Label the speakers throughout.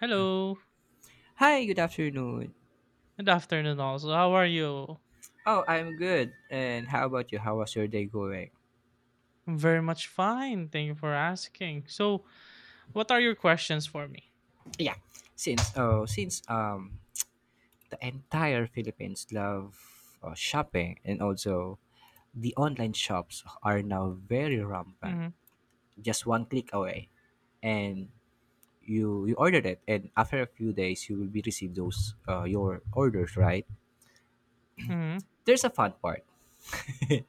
Speaker 1: Hello.
Speaker 2: Hi, good afternoon.
Speaker 1: Good afternoon also. How are you?
Speaker 2: Oh, I'm good. And how about you? How was your day going?
Speaker 1: I'm very much fine. Thank you for asking. So, what are your questions for me?
Speaker 2: Yeah, since the entire Philippines love shopping, and also the online shops are now very rampant.
Speaker 1: Mhm.
Speaker 2: Just one click away, and you ordered it, and after a few days you will be receive those your orders, right?
Speaker 1: Mhm.
Speaker 2: There's a fun part.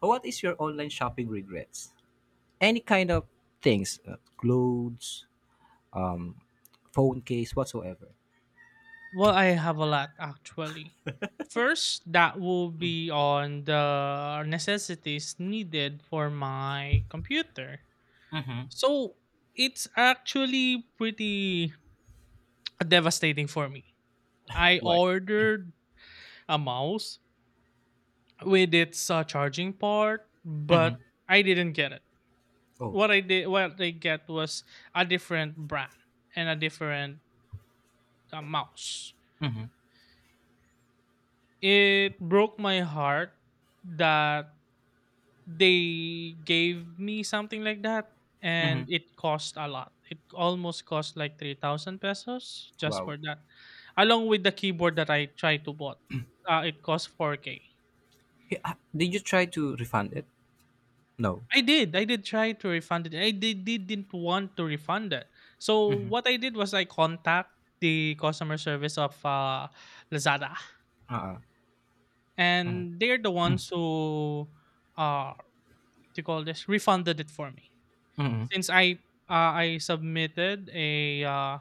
Speaker 2: What is your online shopping regrets? Any kind of things, clothes, um, phone case, whatsoever.
Speaker 1: Well, I have a lot actually. First, that will be on the necessities needed for my computer. So, it's actually pretty devastating for me. I
Speaker 2: Why?
Speaker 1: ordered a mouse with its charging part, but I didn't get it.
Speaker 2: Oh.
Speaker 1: What I get was a different brand and a different mouse. It broke my heart that they gave me something like that,
Speaker 2: Mm-hmm.
Speaker 1: and it cost a lot. It almost cost like 3,000 pesos just for
Speaker 2: Wow.
Speaker 1: that, along with the keyboard that I tried to bought. It cost four k.
Speaker 2: Hey, ah, did you try to refund it? No.
Speaker 1: I did. I did try to refund it. I did, didn't want to refund it. So what I did was I contact the customer service of Lazada,
Speaker 2: Uh-uh.
Speaker 1: and they're the ones who uh to call this refunded it for me
Speaker 2: Mm-hmm.
Speaker 1: since I submitted a uh,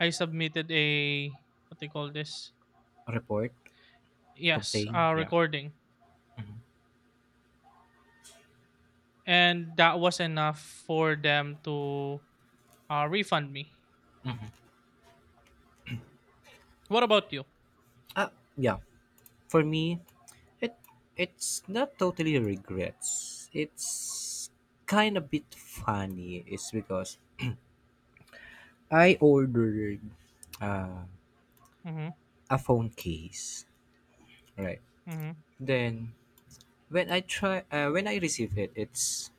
Speaker 1: I submitted a what they call this,
Speaker 2: Report?
Speaker 1: yes,
Speaker 2: Complain? Yeah.
Speaker 1: recording, and that was enough for them to refund me. What about you?
Speaker 2: Ah, yeah. For me, it it's not totally regrets. It's kind of bit funny. It's because I ordered
Speaker 1: Mm-hmm.
Speaker 2: a phone case, right?
Speaker 1: Mm-hmm.
Speaker 2: Then when I receive it, it's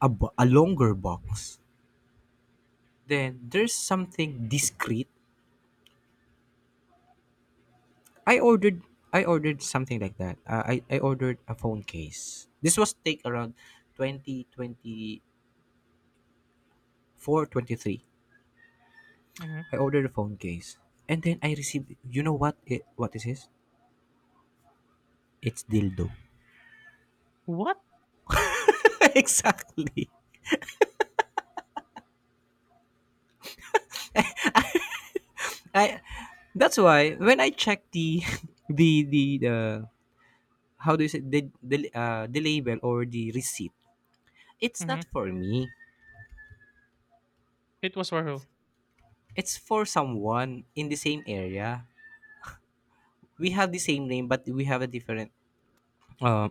Speaker 2: a longer box. Then there's something discreet. I ordered something like that. I ordered a phone case. This was take around 2024, twenty three. I
Speaker 1: Mm-hmm.
Speaker 2: ordered a phone case. And then I received, you know what it, what is this? It's dildo.
Speaker 1: What?
Speaker 2: Exactly. I That's why when I check the the how do you say, the label or the receipt, it's
Speaker 1: Mm-hmm.
Speaker 2: not for me.
Speaker 1: It was for who?
Speaker 2: It's for someone in the same area. We have the same name, but we have a different um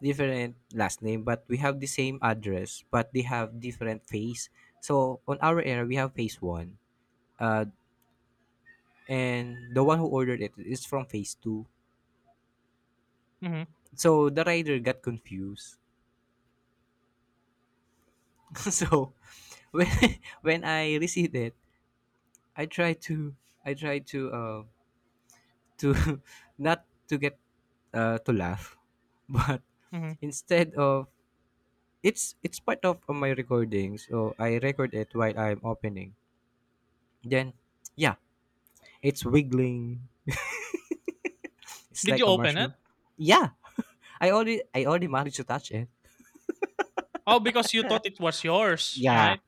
Speaker 2: different last name, but we have the same address, but they have different phase. So on our era, we have phase one, uh, and the one who ordered it is from phase two.
Speaker 1: Mm-hmm.
Speaker 2: So the rider got confused. So when when I received it, I tried to I tried to uh, to not to get to laugh, but
Speaker 1: Mm-hmm.
Speaker 2: instead of, it's part of my recording, so I record it while I'm opening. Then yeah, it's wiggling. It's
Speaker 1: Did
Speaker 2: like
Speaker 1: you
Speaker 2: a
Speaker 1: open it?
Speaker 2: marshmallow. Yeah, I already managed to touch it.
Speaker 1: Oh, because you thought it was yours,
Speaker 2: Yeah,
Speaker 1: right?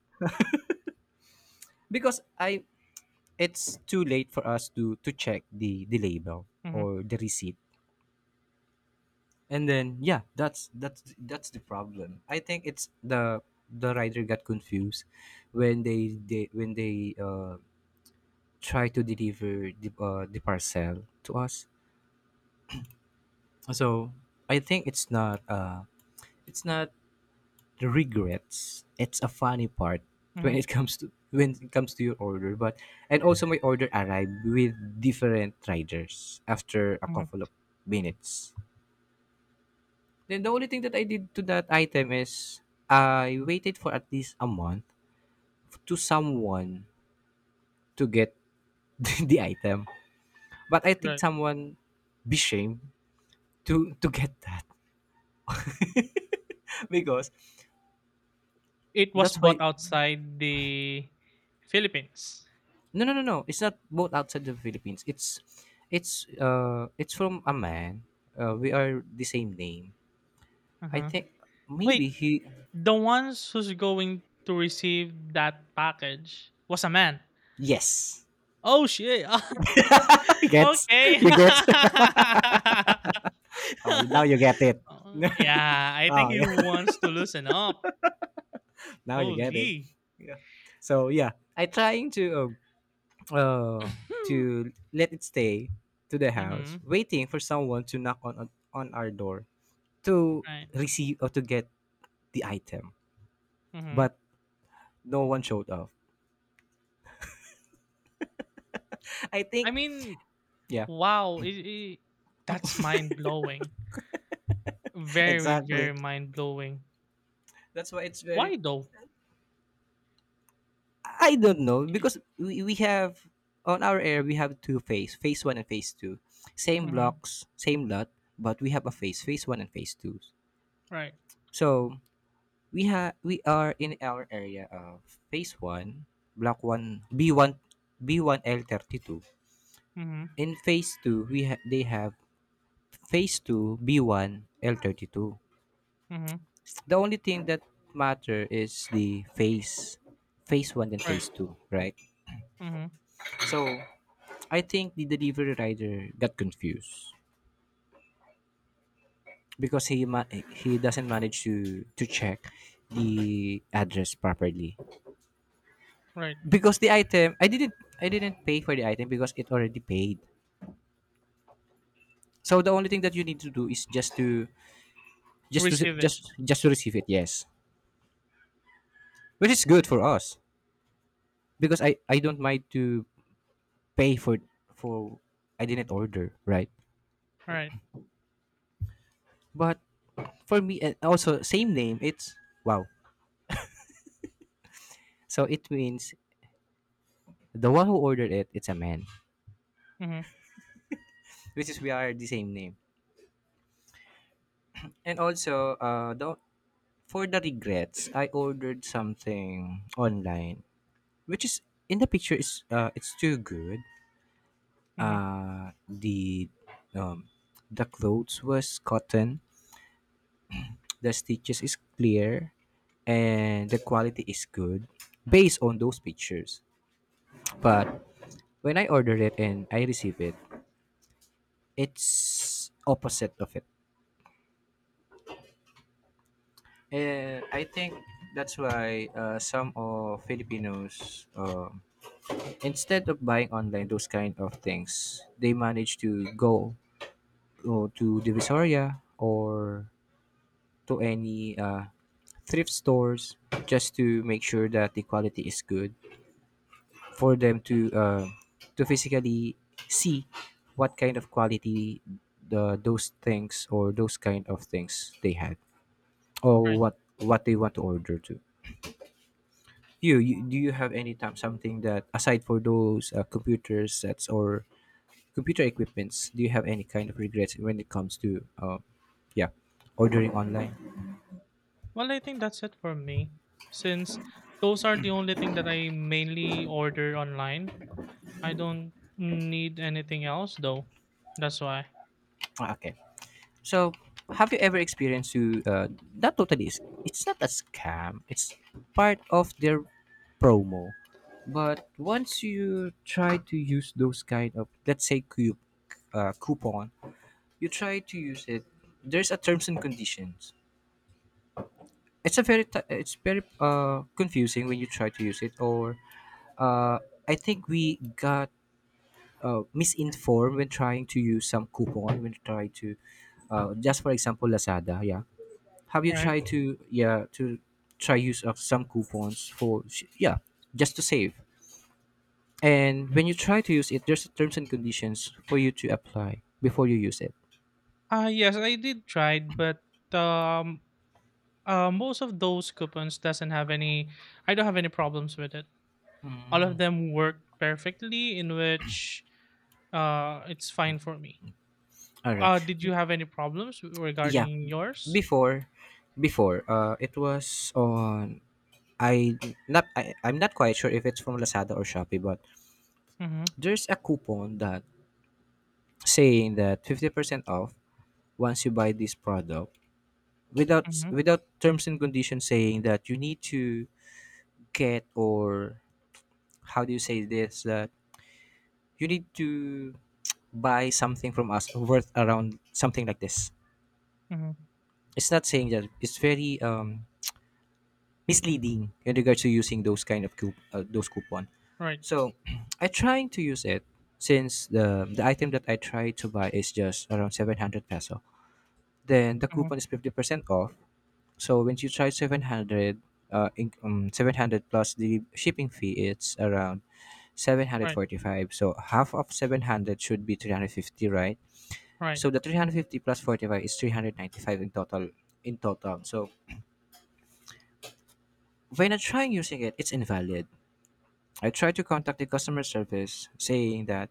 Speaker 2: because I, it's too late for us to check the label
Speaker 1: Mm-hmm.
Speaker 2: or the receipt. And then yeah, that's the problem. I think it's the rider got confused when they when they try to deliver the parcel to us. So I think it's not it's not the regrets, it's a funny part when
Speaker 1: Mm-hmm.
Speaker 2: it comes to, when it comes to your order. But and also my order arrived with different riders after a
Speaker 1: Mm-hmm.
Speaker 2: couple of minutes. Then the only thing that I did to that item is I waited for at least a month to someone to get the item. But I think
Speaker 1: Right.
Speaker 2: someone be shamed to get that, because
Speaker 1: It was
Speaker 2: that's why.
Speaker 1: bought outside the Philippines.
Speaker 2: No, no, no, no. It's not both outside the Philippines. It's it's from a man. We are the same name. I
Speaker 1: Uh-huh.
Speaker 2: think
Speaker 1: Wait,
Speaker 2: maybe he.
Speaker 1: the ones who's going to receive that package was a man.
Speaker 2: Yes,
Speaker 1: Oh shit.
Speaker 2: I get.
Speaker 1: Okay.
Speaker 2: You get. Oh, now you get it.
Speaker 1: Uh, yeah, I think
Speaker 2: Oh
Speaker 1: he
Speaker 2: yeah,
Speaker 1: wants to loosen up.
Speaker 2: now you get it.
Speaker 1: Holy.
Speaker 2: Yeah. So yeah, I trying uh, uh to let it stay to the
Speaker 1: Mm-hmm.
Speaker 2: house, waiting for someone to knock on, on our door, to
Speaker 1: Right.
Speaker 2: receive or to get the item,
Speaker 1: Mm-hmm.
Speaker 2: but no one showed up. I
Speaker 1: I
Speaker 2: think.
Speaker 1: mean,
Speaker 2: Yeah.
Speaker 1: wow. That's mind blowing. Very,
Speaker 2: Exactly.
Speaker 1: very mind blowing.
Speaker 2: That's why it's very,
Speaker 1: Why though?
Speaker 2: I don't know because we have on our air we have two phase, phase one and phase two. Same
Speaker 1: Mm-hmm.
Speaker 2: blocks, same lot, but we have a phase, phase one and phase two.
Speaker 1: Right.
Speaker 2: So we are in our area of phase one, block one, B one, B one L 32.
Speaker 1: Mm-hmm.
Speaker 2: In phase two, they have phase two, B one L 32.
Speaker 1: Mm-hmm.
Speaker 2: The only thing that matter is the phase, phase one and
Speaker 1: Right.
Speaker 2: phase two, right?
Speaker 1: Mm-hmm.
Speaker 2: So I think the delivery rider got confused because he doesn't manage to check the address properly,
Speaker 1: Right.
Speaker 2: because the item, I didn't pay for the item because it already paid. So the only thing that you need to do is just to
Speaker 1: Receive it.
Speaker 2: just to receive it. Yes, which is good for us because I don't mind to pay for, I didn't order, right?
Speaker 1: Right.
Speaker 2: But for me and also same name, it's wow. So it means the one who ordered it, it's a man,
Speaker 1: Mm-hmm.
Speaker 2: which is we are the same name. And also, the, for the regrets, I ordered something online, which is in the picture is it's too good.
Speaker 1: Mm-hmm.
Speaker 2: Uh, the um, the clothes was cotton, the stitches is clear, and the quality is good based on those pictures. But when I ordered it and I receive it, it's opposite of it. And I think that's why some of Filipinos, instead of buying online those kind of things, they manage to go to Divisoria or to any thrift stores, just to make sure that the quality is good for them to physically see what kind of quality the, those things or those kind of things they had, or
Speaker 1: Right.
Speaker 2: what they want to order to. You do you have any time something that aside for those computer sets or computer equipments, do you have any kind of regrets when it comes to yeah, ordering online?
Speaker 1: Well, I think that's it for me. Since those are the only thing that I mainly order online. I don't need anything else though. That's why.
Speaker 2: Ah, okay. So, have you ever experienced to that totally is, it's not a scam. It's part of their promo. But once you try to use those kind of, coupon, you try to use it. There's a terms and conditions, it's a it's very confusing when you try to use it, or uh I think we got misinformed when trying to use some coupon, when trying to, just for example Lazada, yeah, have you
Speaker 1: Right.
Speaker 2: tried to, yeah, to try use of some coupons for yeah, just to save. And when you try to use it, there's terms and conditions for you to apply before you use it.
Speaker 1: Yes, I did try it, but um most of those coupons doesn't have any. I don't have any problems with it. All of them work perfectly in which it's fine for me.
Speaker 2: All right.
Speaker 1: Did you have any problems
Speaker 2: Yeah,
Speaker 1: regarding yours?
Speaker 2: before, it was on, I, not I, I'm not quite sure if it's from Lazada or Shopee, but
Speaker 1: Mhm.
Speaker 2: there's a coupon that saying that 50% off once you buy this product,
Speaker 1: Mhm.
Speaker 2: without terms and conditions saying that you need to get, or how do you say this, that you need to buy something from us worth around something like this.
Speaker 1: Mhm.
Speaker 2: It's not saying that, it's very misleading in regards to using those kind of those coupon.
Speaker 1: Right.
Speaker 2: So I trying to use it since the item that I try to buy is just around 700 peso. Then the
Speaker 1: Mhm.
Speaker 2: coupon is 50% off. So when you try 700, 700 plus the shipping fee it's around
Speaker 1: Right.
Speaker 2: 745. So half of 700 should be 350, right?
Speaker 1: Right.
Speaker 2: So the 350 plus 45 is 395 in total, So when I try using it, it's invalid. I tried to contact the customer service saying that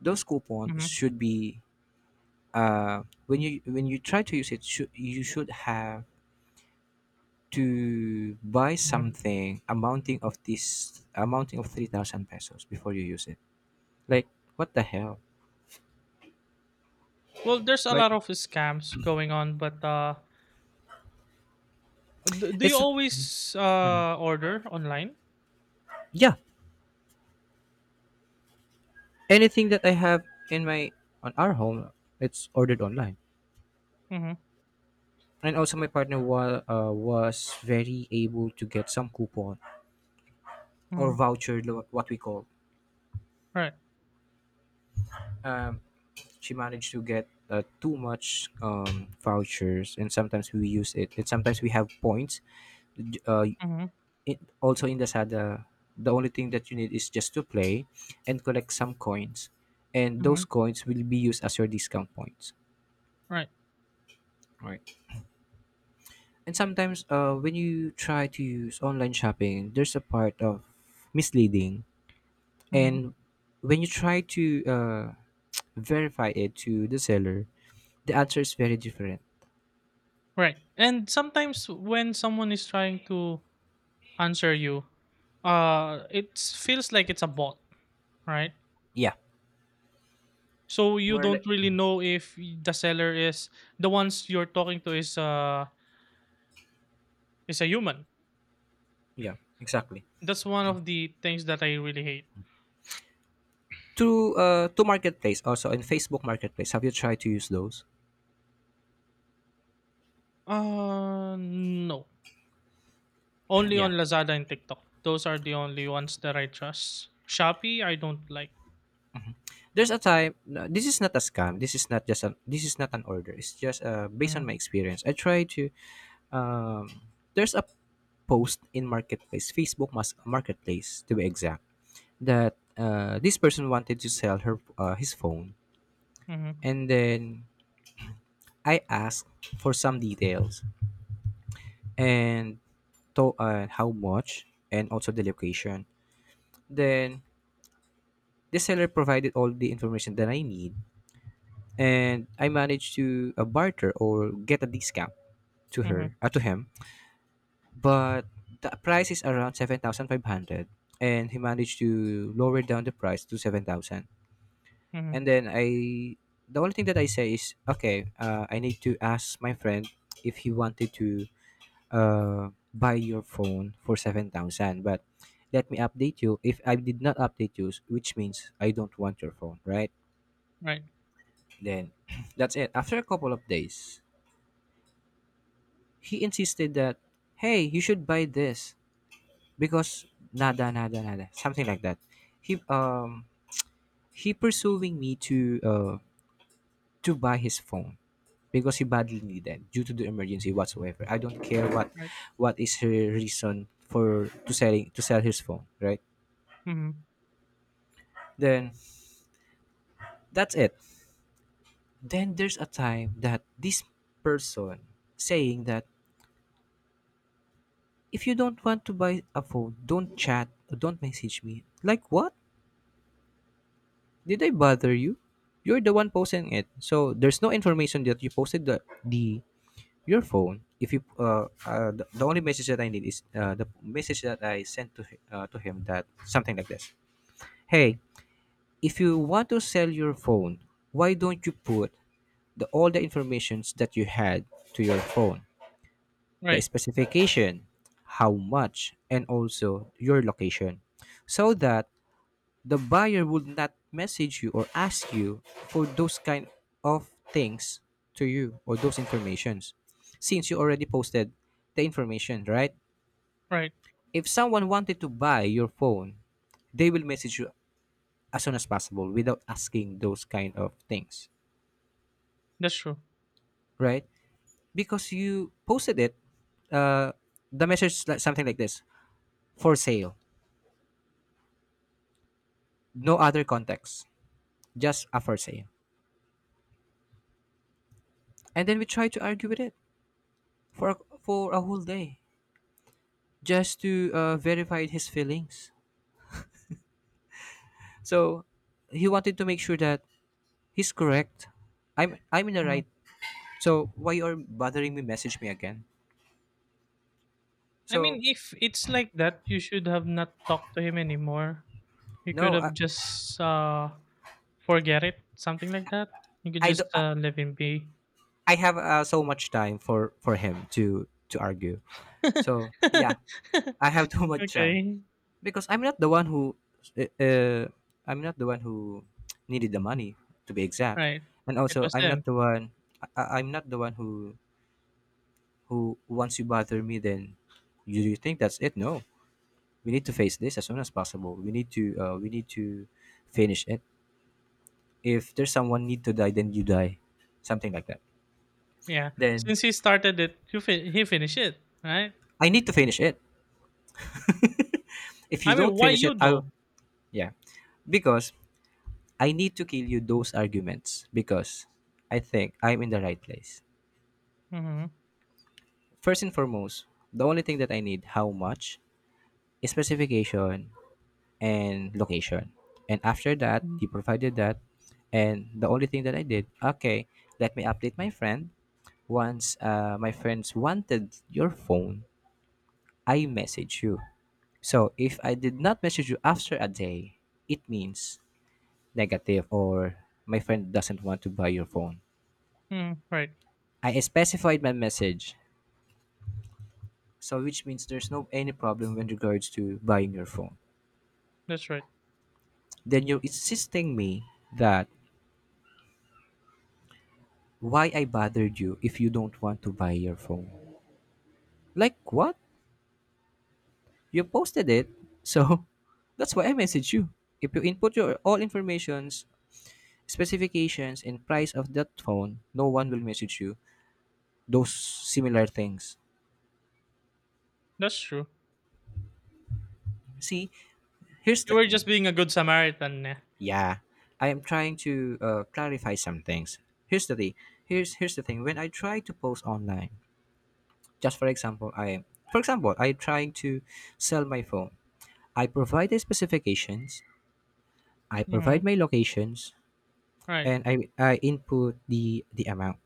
Speaker 2: those coupons
Speaker 1: Mhm.
Speaker 2: should be, when you try to use it, should, you should have to buy
Speaker 1: Mhm.
Speaker 2: something amounting of this, amounting of 3,000 pesos before you use it. Like, what the hell?
Speaker 1: Well, there's a
Speaker 2: Right.
Speaker 1: lot of scams going on, but do you
Speaker 2: It's,
Speaker 1: always order online?
Speaker 2: yeah, anything that I have in my, on our home, it's ordered online.
Speaker 1: Mm-hmm.
Speaker 2: And also my partner was very able to get some coupon or
Speaker 1: Mm-hmm.
Speaker 2: voucher, what we call.
Speaker 1: Right.
Speaker 2: Um, she managed to get too much vouchers, and sometimes we use it, and sometimes we have points. D- uh,
Speaker 1: Mm-hmm.
Speaker 2: Also in the sada, the only thing that you need is just to play and collect some coins, and
Speaker 1: Mm-hmm.
Speaker 2: those coins will be used as your discount points.
Speaker 1: Right.
Speaker 2: And sometimes when you try to use online shopping, there's a part of misleading.
Speaker 1: Mm-hmm.
Speaker 2: And when you try to verify it to the seller, the answer is very different.
Speaker 1: Right. And sometimes when someone is trying to answer you, it feels like it's a bot, right?
Speaker 2: Yeah,
Speaker 1: So you
Speaker 2: more like,
Speaker 1: don't really know if the seller is the ones you're talking to is a human.
Speaker 2: yeah, exactly.
Speaker 1: That's one of the things that I really hate.
Speaker 2: To marketplace, also in Facebook Marketplace. Have you tried to use those?
Speaker 1: No. Only
Speaker 2: Yeah.
Speaker 1: on Lazada and TikTok. Those are the only ones that I trust. Shopee, I don't like.
Speaker 2: There's a time, no, this is not a scam. This is not just a, this is not an order. It's just based on my
Speaker 1: Mhm,
Speaker 2: experience. I try to, um there's a post in Marketplace, Facebook Marketplace to be exact, that this person wanted to sell her, his phone.
Speaker 1: mhm,
Speaker 2: And then I asked for some details, and to, how much, and also the location. Then the seller provided all the information that I need, and I managed to barter or get a discount to
Speaker 1: mhm,
Speaker 2: her, to him. But the price is around 7,500, and he managed to lower down the price to 7,000. And
Speaker 1: mhm.
Speaker 2: then I, the only thing that I say is, okay, I need to ask my friend if he wanted to buy your phone for 7,000, but let me update you. If I did not update you, which means I don't want your phone, right?
Speaker 1: Right,
Speaker 2: Then, that's it. After a couple of days, he insisted that, hey, you should buy this because nada, nada, nada, something like that. He he pursuing me to buy his phone because he badly needed due to the emergency whatsoever. I don't care what
Speaker 1: right,
Speaker 2: what is her reason for to selling to sell his phone, right?
Speaker 1: mhm,
Speaker 2: Then that's it. Then there's a time that this person saying that if you don't want to buy a phone, don't chat or don't message me. Like what? Did I bother you? You're the one posting it, so there's no information that you posted the your phone. If you the only message that I need is the message that I sent to to him that something like this. Hey, if you want to sell your phone, why don't you put the all the informations that you had to your phone, the
Speaker 1: right,
Speaker 2: specification, how much, and also your location, so that the buyer would not message you or ask you for those kind of things to you or those informations since you already posted the information, right?
Speaker 1: right.
Speaker 2: If someone wanted to buy your phone, they will message you as soon as possible without asking those kind of things,
Speaker 1: That's true.
Speaker 2: right? Because you posted it. uh, the message is like something like this, for sale, no other context, just a for sale. And then we try to argue with it for for a whole day just to verify his feelings. So he wanted to make sure that he's correct. I'm in the
Speaker 1: Mhm.
Speaker 2: right. So why you're bothering me? Message me again.
Speaker 1: I mean,
Speaker 2: So
Speaker 1: if it's like that, you should have not talked to him anymore. You could
Speaker 2: no,
Speaker 1: have just forget it, something like that. You could
Speaker 2: I, do,
Speaker 1: just
Speaker 2: I,
Speaker 1: let him be.
Speaker 2: I have so much time for him to argue. So yeah, I have too much time
Speaker 1: Okay,
Speaker 2: because I'm not the one who uh, uh, I'm not the one who needed the money, to be exact,
Speaker 1: right.
Speaker 2: and
Speaker 1: It
Speaker 2: also
Speaker 1: was
Speaker 2: I'm not
Speaker 1: him.
Speaker 2: the one. I'm not the one who once you bother me, then you think that's it. No, we need to face this as soon as possible. We need to finish it. If there's someone need to die, then you die, something like that.
Speaker 1: Yeah.
Speaker 2: Then
Speaker 1: Since he started it, he finished it, right?
Speaker 2: I need to finish it. If you
Speaker 1: I mean,
Speaker 2: don't
Speaker 1: why
Speaker 2: finish
Speaker 1: you
Speaker 2: it,
Speaker 1: though?
Speaker 2: I'll, yeah, because I need to kill you those arguments because I think I'm in the right place.
Speaker 1: Mhm.
Speaker 2: First and foremost, the only thing that I need: how much, is specification, and location. And after that,
Speaker 1: Mhm.
Speaker 2: he provided that. And the only thing that I did, okay, let me update my friend. Once my friends wanted your phone, I message you. So if I did not message you after a day, it means negative, or my friend doesn't want to buy your phone.
Speaker 1: Mm, right.
Speaker 2: I specified my message. So which means there's no any problem when regards to buying your phone.
Speaker 1: That's right.
Speaker 2: Then you're insisting me that why I bothered you if you don't want to buy your phone. Like what? You posted it. So that's why I messaged you. If you input your all informations, specifications and price of that phone, no one will message you those similar things.
Speaker 1: That's true.
Speaker 2: See, here's the
Speaker 1: You were just
Speaker 2: thing.
Speaker 1: being a good Samaritan, eh.
Speaker 2: Yeah, I am trying to clarify some things. Here's the thing. Here's the thing. When I try to post online, just for example, I trying to sell my phone. I provide the specifications, I
Speaker 1: Mhm.
Speaker 2: provide my locations,
Speaker 1: Right.
Speaker 2: and I input the amount.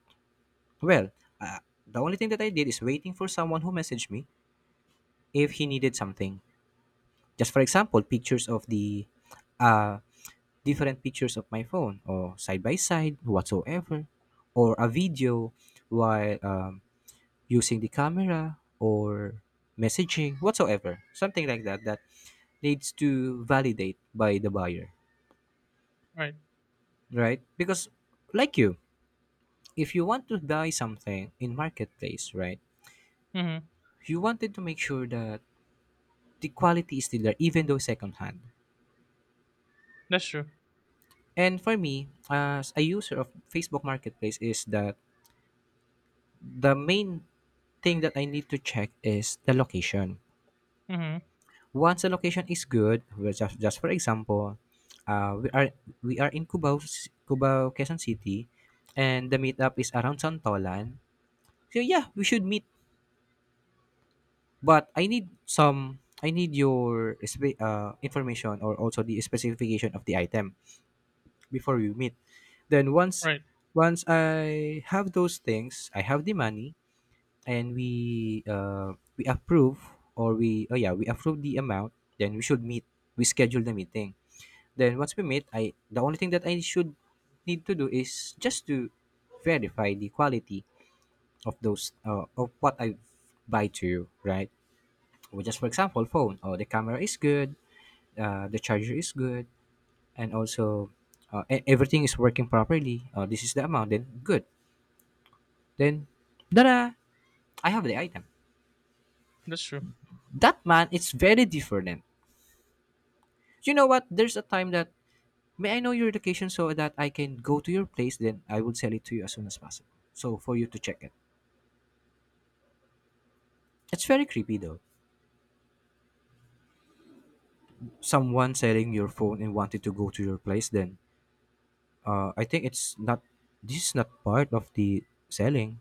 Speaker 2: Well, uh, the only thing that I did is waiting for someone who messaged me if he needed something. Just for example, pictures of the uh, different pictures of my phone or side by side whatsoever, or a video while using the camera or messaging whatsoever, something like that, that needs to validate by the buyer,
Speaker 1: Right.
Speaker 2: right? Because like you, if you want to buy something in marketplace, right?
Speaker 1: Mhm.
Speaker 2: You wanted to make sure that the quality is still there, even though secondhand.
Speaker 1: That's true.
Speaker 2: And for me, as a user of Facebook Marketplace, is that the main thing that I need to check is the location.
Speaker 1: Mhm.
Speaker 2: Once the location is good, well, just for example, uh, we are we are in Cubao, Cubao, Quezon City, and the meetup is around Santolan. So yeah, we should meet. But I need your information or also the specification of the item before we meet. Then
Speaker 1: Right.
Speaker 2: once I have those things, I have the money, and we approve, or we, oh yeah, we approve the amount, then we should meet. We schedule the meeting. Then once we meet, I the only thing that I should need to do is just to verify the quality of those of what I buy to you, right? Well, just for example, phone. Oh, the camera is good. The charger is good, and also everything is working properly. Oh, this is the amount. Then good. Then, da, I have the item.
Speaker 1: That's true.
Speaker 2: That man, it's very different. You know what? There's a time that, may I know your location so that I can go to your place? Then I will sell it to you as soon as possible, so for you to check it. It's very creepy though. Someone selling your phone and wanted to go to your place. Then, I think it's not. This is not part of the selling.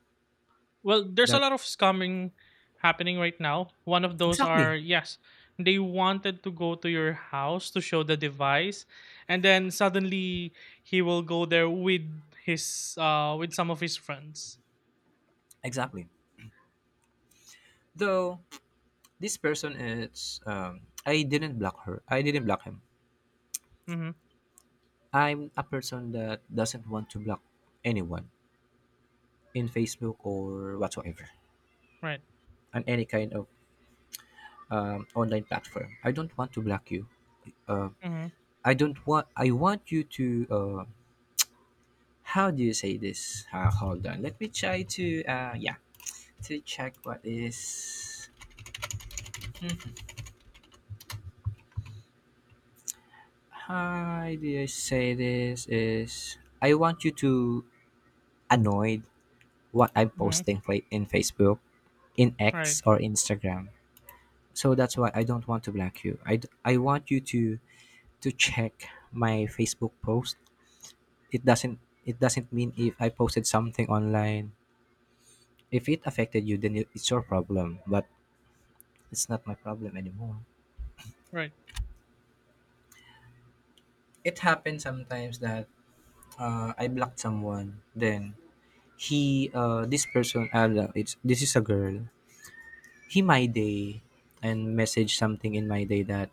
Speaker 1: Well, there's a
Speaker 2: That,
Speaker 1: lot of scamming happening right now. One of those
Speaker 2: exactly.
Speaker 1: are yes, they wanted to go to your house to show the device, and then suddenly he will go there with his with some of his friends.
Speaker 2: Exactly. Though this person is, I didn't block her. I didn't block him.
Speaker 1: Mhm.
Speaker 2: I'm a person that doesn't want to block anyone in Facebook or whatsoever,
Speaker 1: Right.
Speaker 2: on any kind of online platform. I don't want to block you. Uh,
Speaker 1: Mhm.
Speaker 2: I don't want. I want you to. How do you say this? Hold on. Let me try to. Yeah, to check what is. How do you say this? Is, I want you to annoyed what I'm
Speaker 1: Mhm.
Speaker 2: posting in Facebook, in
Speaker 1: Right.
Speaker 2: X or Instagram. So that's why I don't want to block you. I want you to check my Facebook post. It doesn't, it doesn't mean if I posted something online. If it affected you, then it's your problem. But it's not my problem anymore.
Speaker 1: Right.
Speaker 2: It happens sometimes that I blocked someone. Then he this person, it's, this is a girl. He my day, and message something in my day that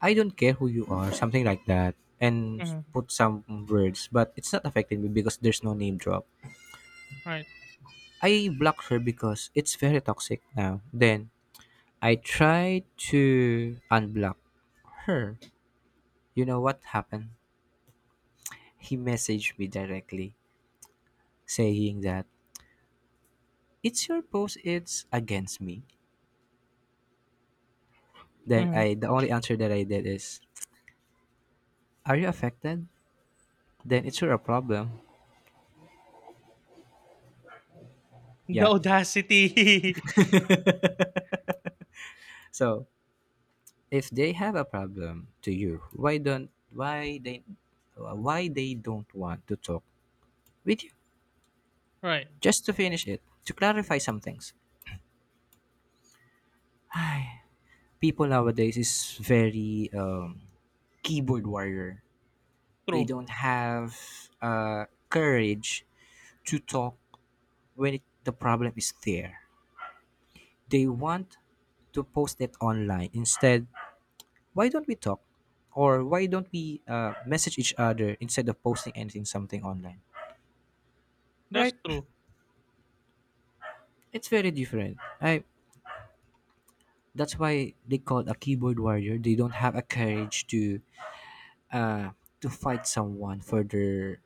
Speaker 2: I don't care who you are, something like that, and
Speaker 1: Mhm.
Speaker 2: put some words, but it's not affecting me because there's no name drop.
Speaker 1: Right.
Speaker 2: I block her because it's very toxic now. Then I try to unblock her. You know what happened? He messaged me directly saying that it's your post, it's against me. Then
Speaker 1: Mhm.
Speaker 2: I the only answer that I did is, are you affected? Then it's your problem.
Speaker 1: The
Speaker 2: Yeah.
Speaker 1: audacity.
Speaker 2: So if they have a problem to you, why don't, why they why they don't want to talk with you
Speaker 1: Right.
Speaker 2: just to finish it, to clarify some things. Ay, people nowadays is very keyboard warrior. They
Speaker 1: True.
Speaker 2: don't have courage to talk when it, the problem is there. They want to post it online instead. Why don't we talk, or why don't we message each other instead of posting anything, something online,
Speaker 1: That's
Speaker 2: right?
Speaker 1: true.
Speaker 2: It's very different. I That's why they call a keyboard warrior. They don't have a courage uh to fight someone for their,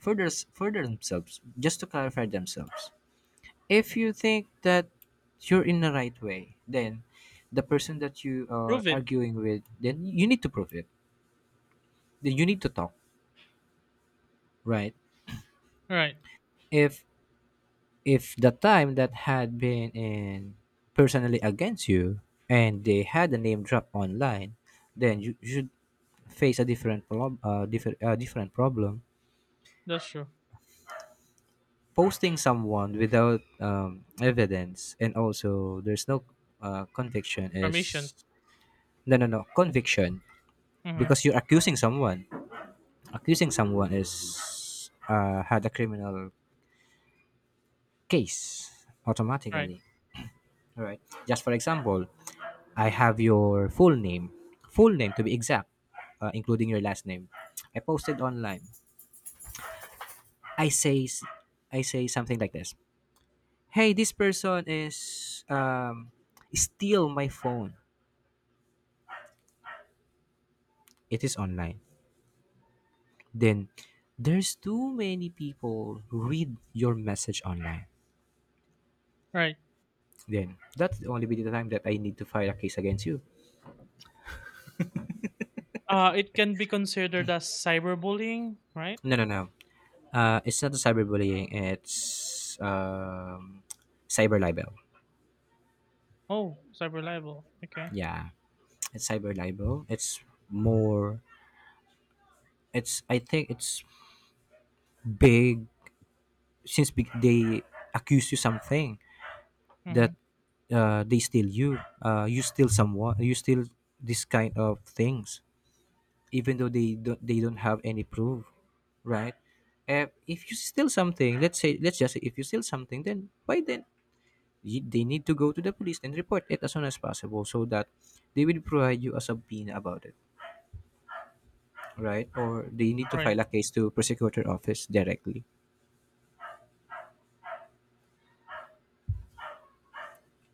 Speaker 2: for their, for themselves. Just to clarify themselves. If you think that you're in the right way, then the person that you are
Speaker 1: Prove it.
Speaker 2: arguing with, then you need to prove it. Then you need to talk, right?
Speaker 1: Right.
Speaker 2: If if the time that had been in personally against you and they had a name drop online, then you should face a different problem, different, different problem,
Speaker 1: That's true.
Speaker 2: posting someone without evidence and also there's no conviction
Speaker 1: Permission.
Speaker 2: is no conviction
Speaker 1: Mm-hmm.
Speaker 2: because you're accusing someone. Accusing someone is, had a criminal case
Speaker 1: Right.
Speaker 2: automatically. All right, just for example, I have your full name, full name to be exact, including your last name. I posted online, I say, I say something like this: hey, this person is, um, steal my phone. It is online. Then there's too many people who read your message online.
Speaker 1: Right.
Speaker 2: Then that's the only bit of time that I need to file a case against you.
Speaker 1: It can be considered as cyberbullying, right?
Speaker 2: No, no, no. It's not a cyberbullying. It's cyber libel.
Speaker 1: Oh, cyber libel. Okay.
Speaker 2: Yeah, it's cyber libel. It's more. It's, I think it's big, since big, they accuse you something that
Speaker 1: Mm-hmm.
Speaker 2: they steal you you steal someone, you steal this kind of things, even though they don't have any proof, right? Uh, if you steal something, let's say, let's just say if you steal something, then why then you, they need to go to the police and report it as soon as possible so that they will provide you a subpoena about it, right? Or they need to
Speaker 1: Right.
Speaker 2: file a case to prosecutor office directly.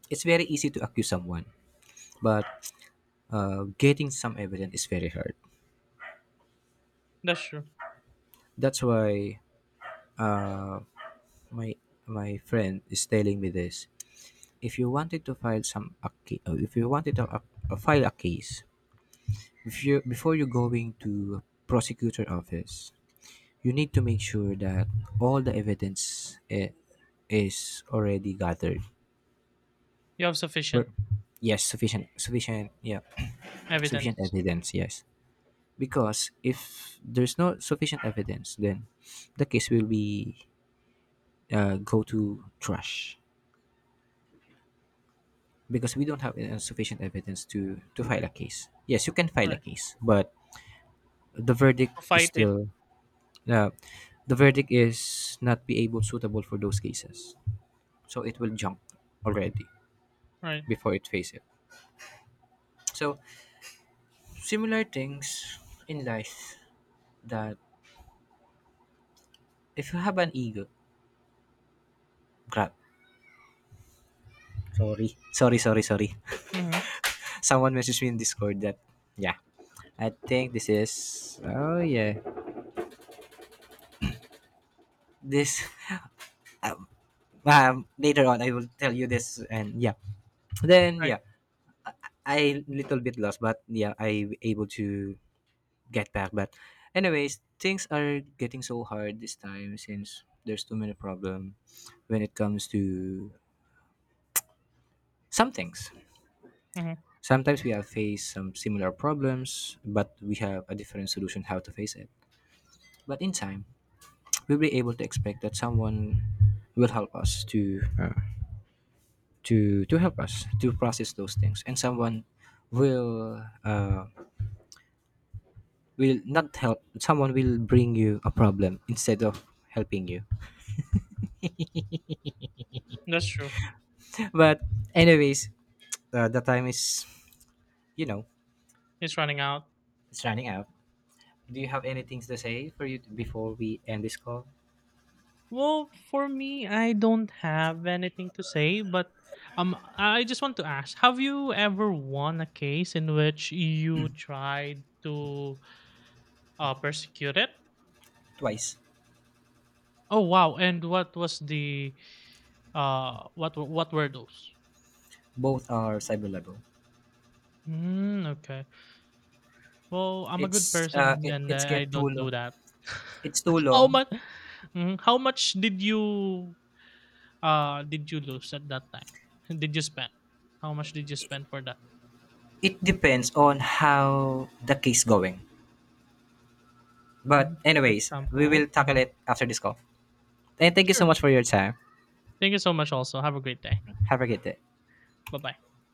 Speaker 2: It's very easy to accuse someone, but getting some evidence is very hard.
Speaker 1: That's true.
Speaker 2: That's why, uh, my my friend is telling me this. If you wanted to file if you wanted to a file a case, if you before you going to prosecutor office, you need to make sure that all the evidence, eh, is already gathered.
Speaker 1: You have sufficient
Speaker 2: Per-, yes, sufficient, yeah sufficient
Speaker 1: evidence.
Speaker 2: evidence, yes. Because if there's no sufficient evidence, then the case will be, go to trash. Because we don't have sufficient evidence to file a case. Yes, you can file a
Speaker 1: Right.
Speaker 2: case, but the verdict
Speaker 1: To
Speaker 2: is
Speaker 1: fight it.
Speaker 2: still, uh, the verdict is not be able suitable for those cases. So it will jump already
Speaker 1: Right.
Speaker 2: before it faces. It. So similar things in life, that if you have an ego, crap. Sorry, sorry, sorry, sorry.
Speaker 1: Mm-hmm.
Speaker 2: Someone messaged me in Discord that, yeah. I think this is, oh yeah. This later on I will tell you this, and yeah, then
Speaker 1: Right.
Speaker 2: yeah. I little bit lost, but yeah, I able to get back. But anyways, things are getting so hard this time since there's too many problem when it comes to some things.
Speaker 1: Mm-hmm.
Speaker 2: Sometimes we have faced some similar problems, but we have a different solution how to face it. But in time, we'll be able to expect that someone will help us to to help us to process those things, and someone will, will not help, someone will bring you a problem instead of helping you.
Speaker 1: That's true.
Speaker 2: But anyways, the time is, you know,
Speaker 1: It's running out.
Speaker 2: it's running out. Do you have anything to say for you before we end this call?
Speaker 1: Well, for me, I don't have anything to say, but I just want to ask: Have you ever won a case in which you tried to persecute it?
Speaker 2: Twice.
Speaker 1: Oh wow! And what was the what were those?
Speaker 2: Both are cyber level.
Speaker 1: Mm, okay. Well, I'm a good
Speaker 2: It's
Speaker 1: person, and
Speaker 2: it's
Speaker 1: I
Speaker 2: get too
Speaker 1: don't do
Speaker 2: long.
Speaker 1: that.
Speaker 2: It's too
Speaker 1: How
Speaker 2: long.
Speaker 1: much? Mm, how much did you lose at that time? Did you spend? How much did you spend for that?
Speaker 2: It depends on how the case going. But
Speaker 1: Mhm, for
Speaker 2: anyways, we
Speaker 1: example,
Speaker 2: will tackle
Speaker 1: mhm.
Speaker 2: it after this call. And thank you so
Speaker 1: Sure.
Speaker 2: much for your time.
Speaker 1: Thank you so much also. Have a great day.
Speaker 2: Have a good day.
Speaker 1: Bye-bye.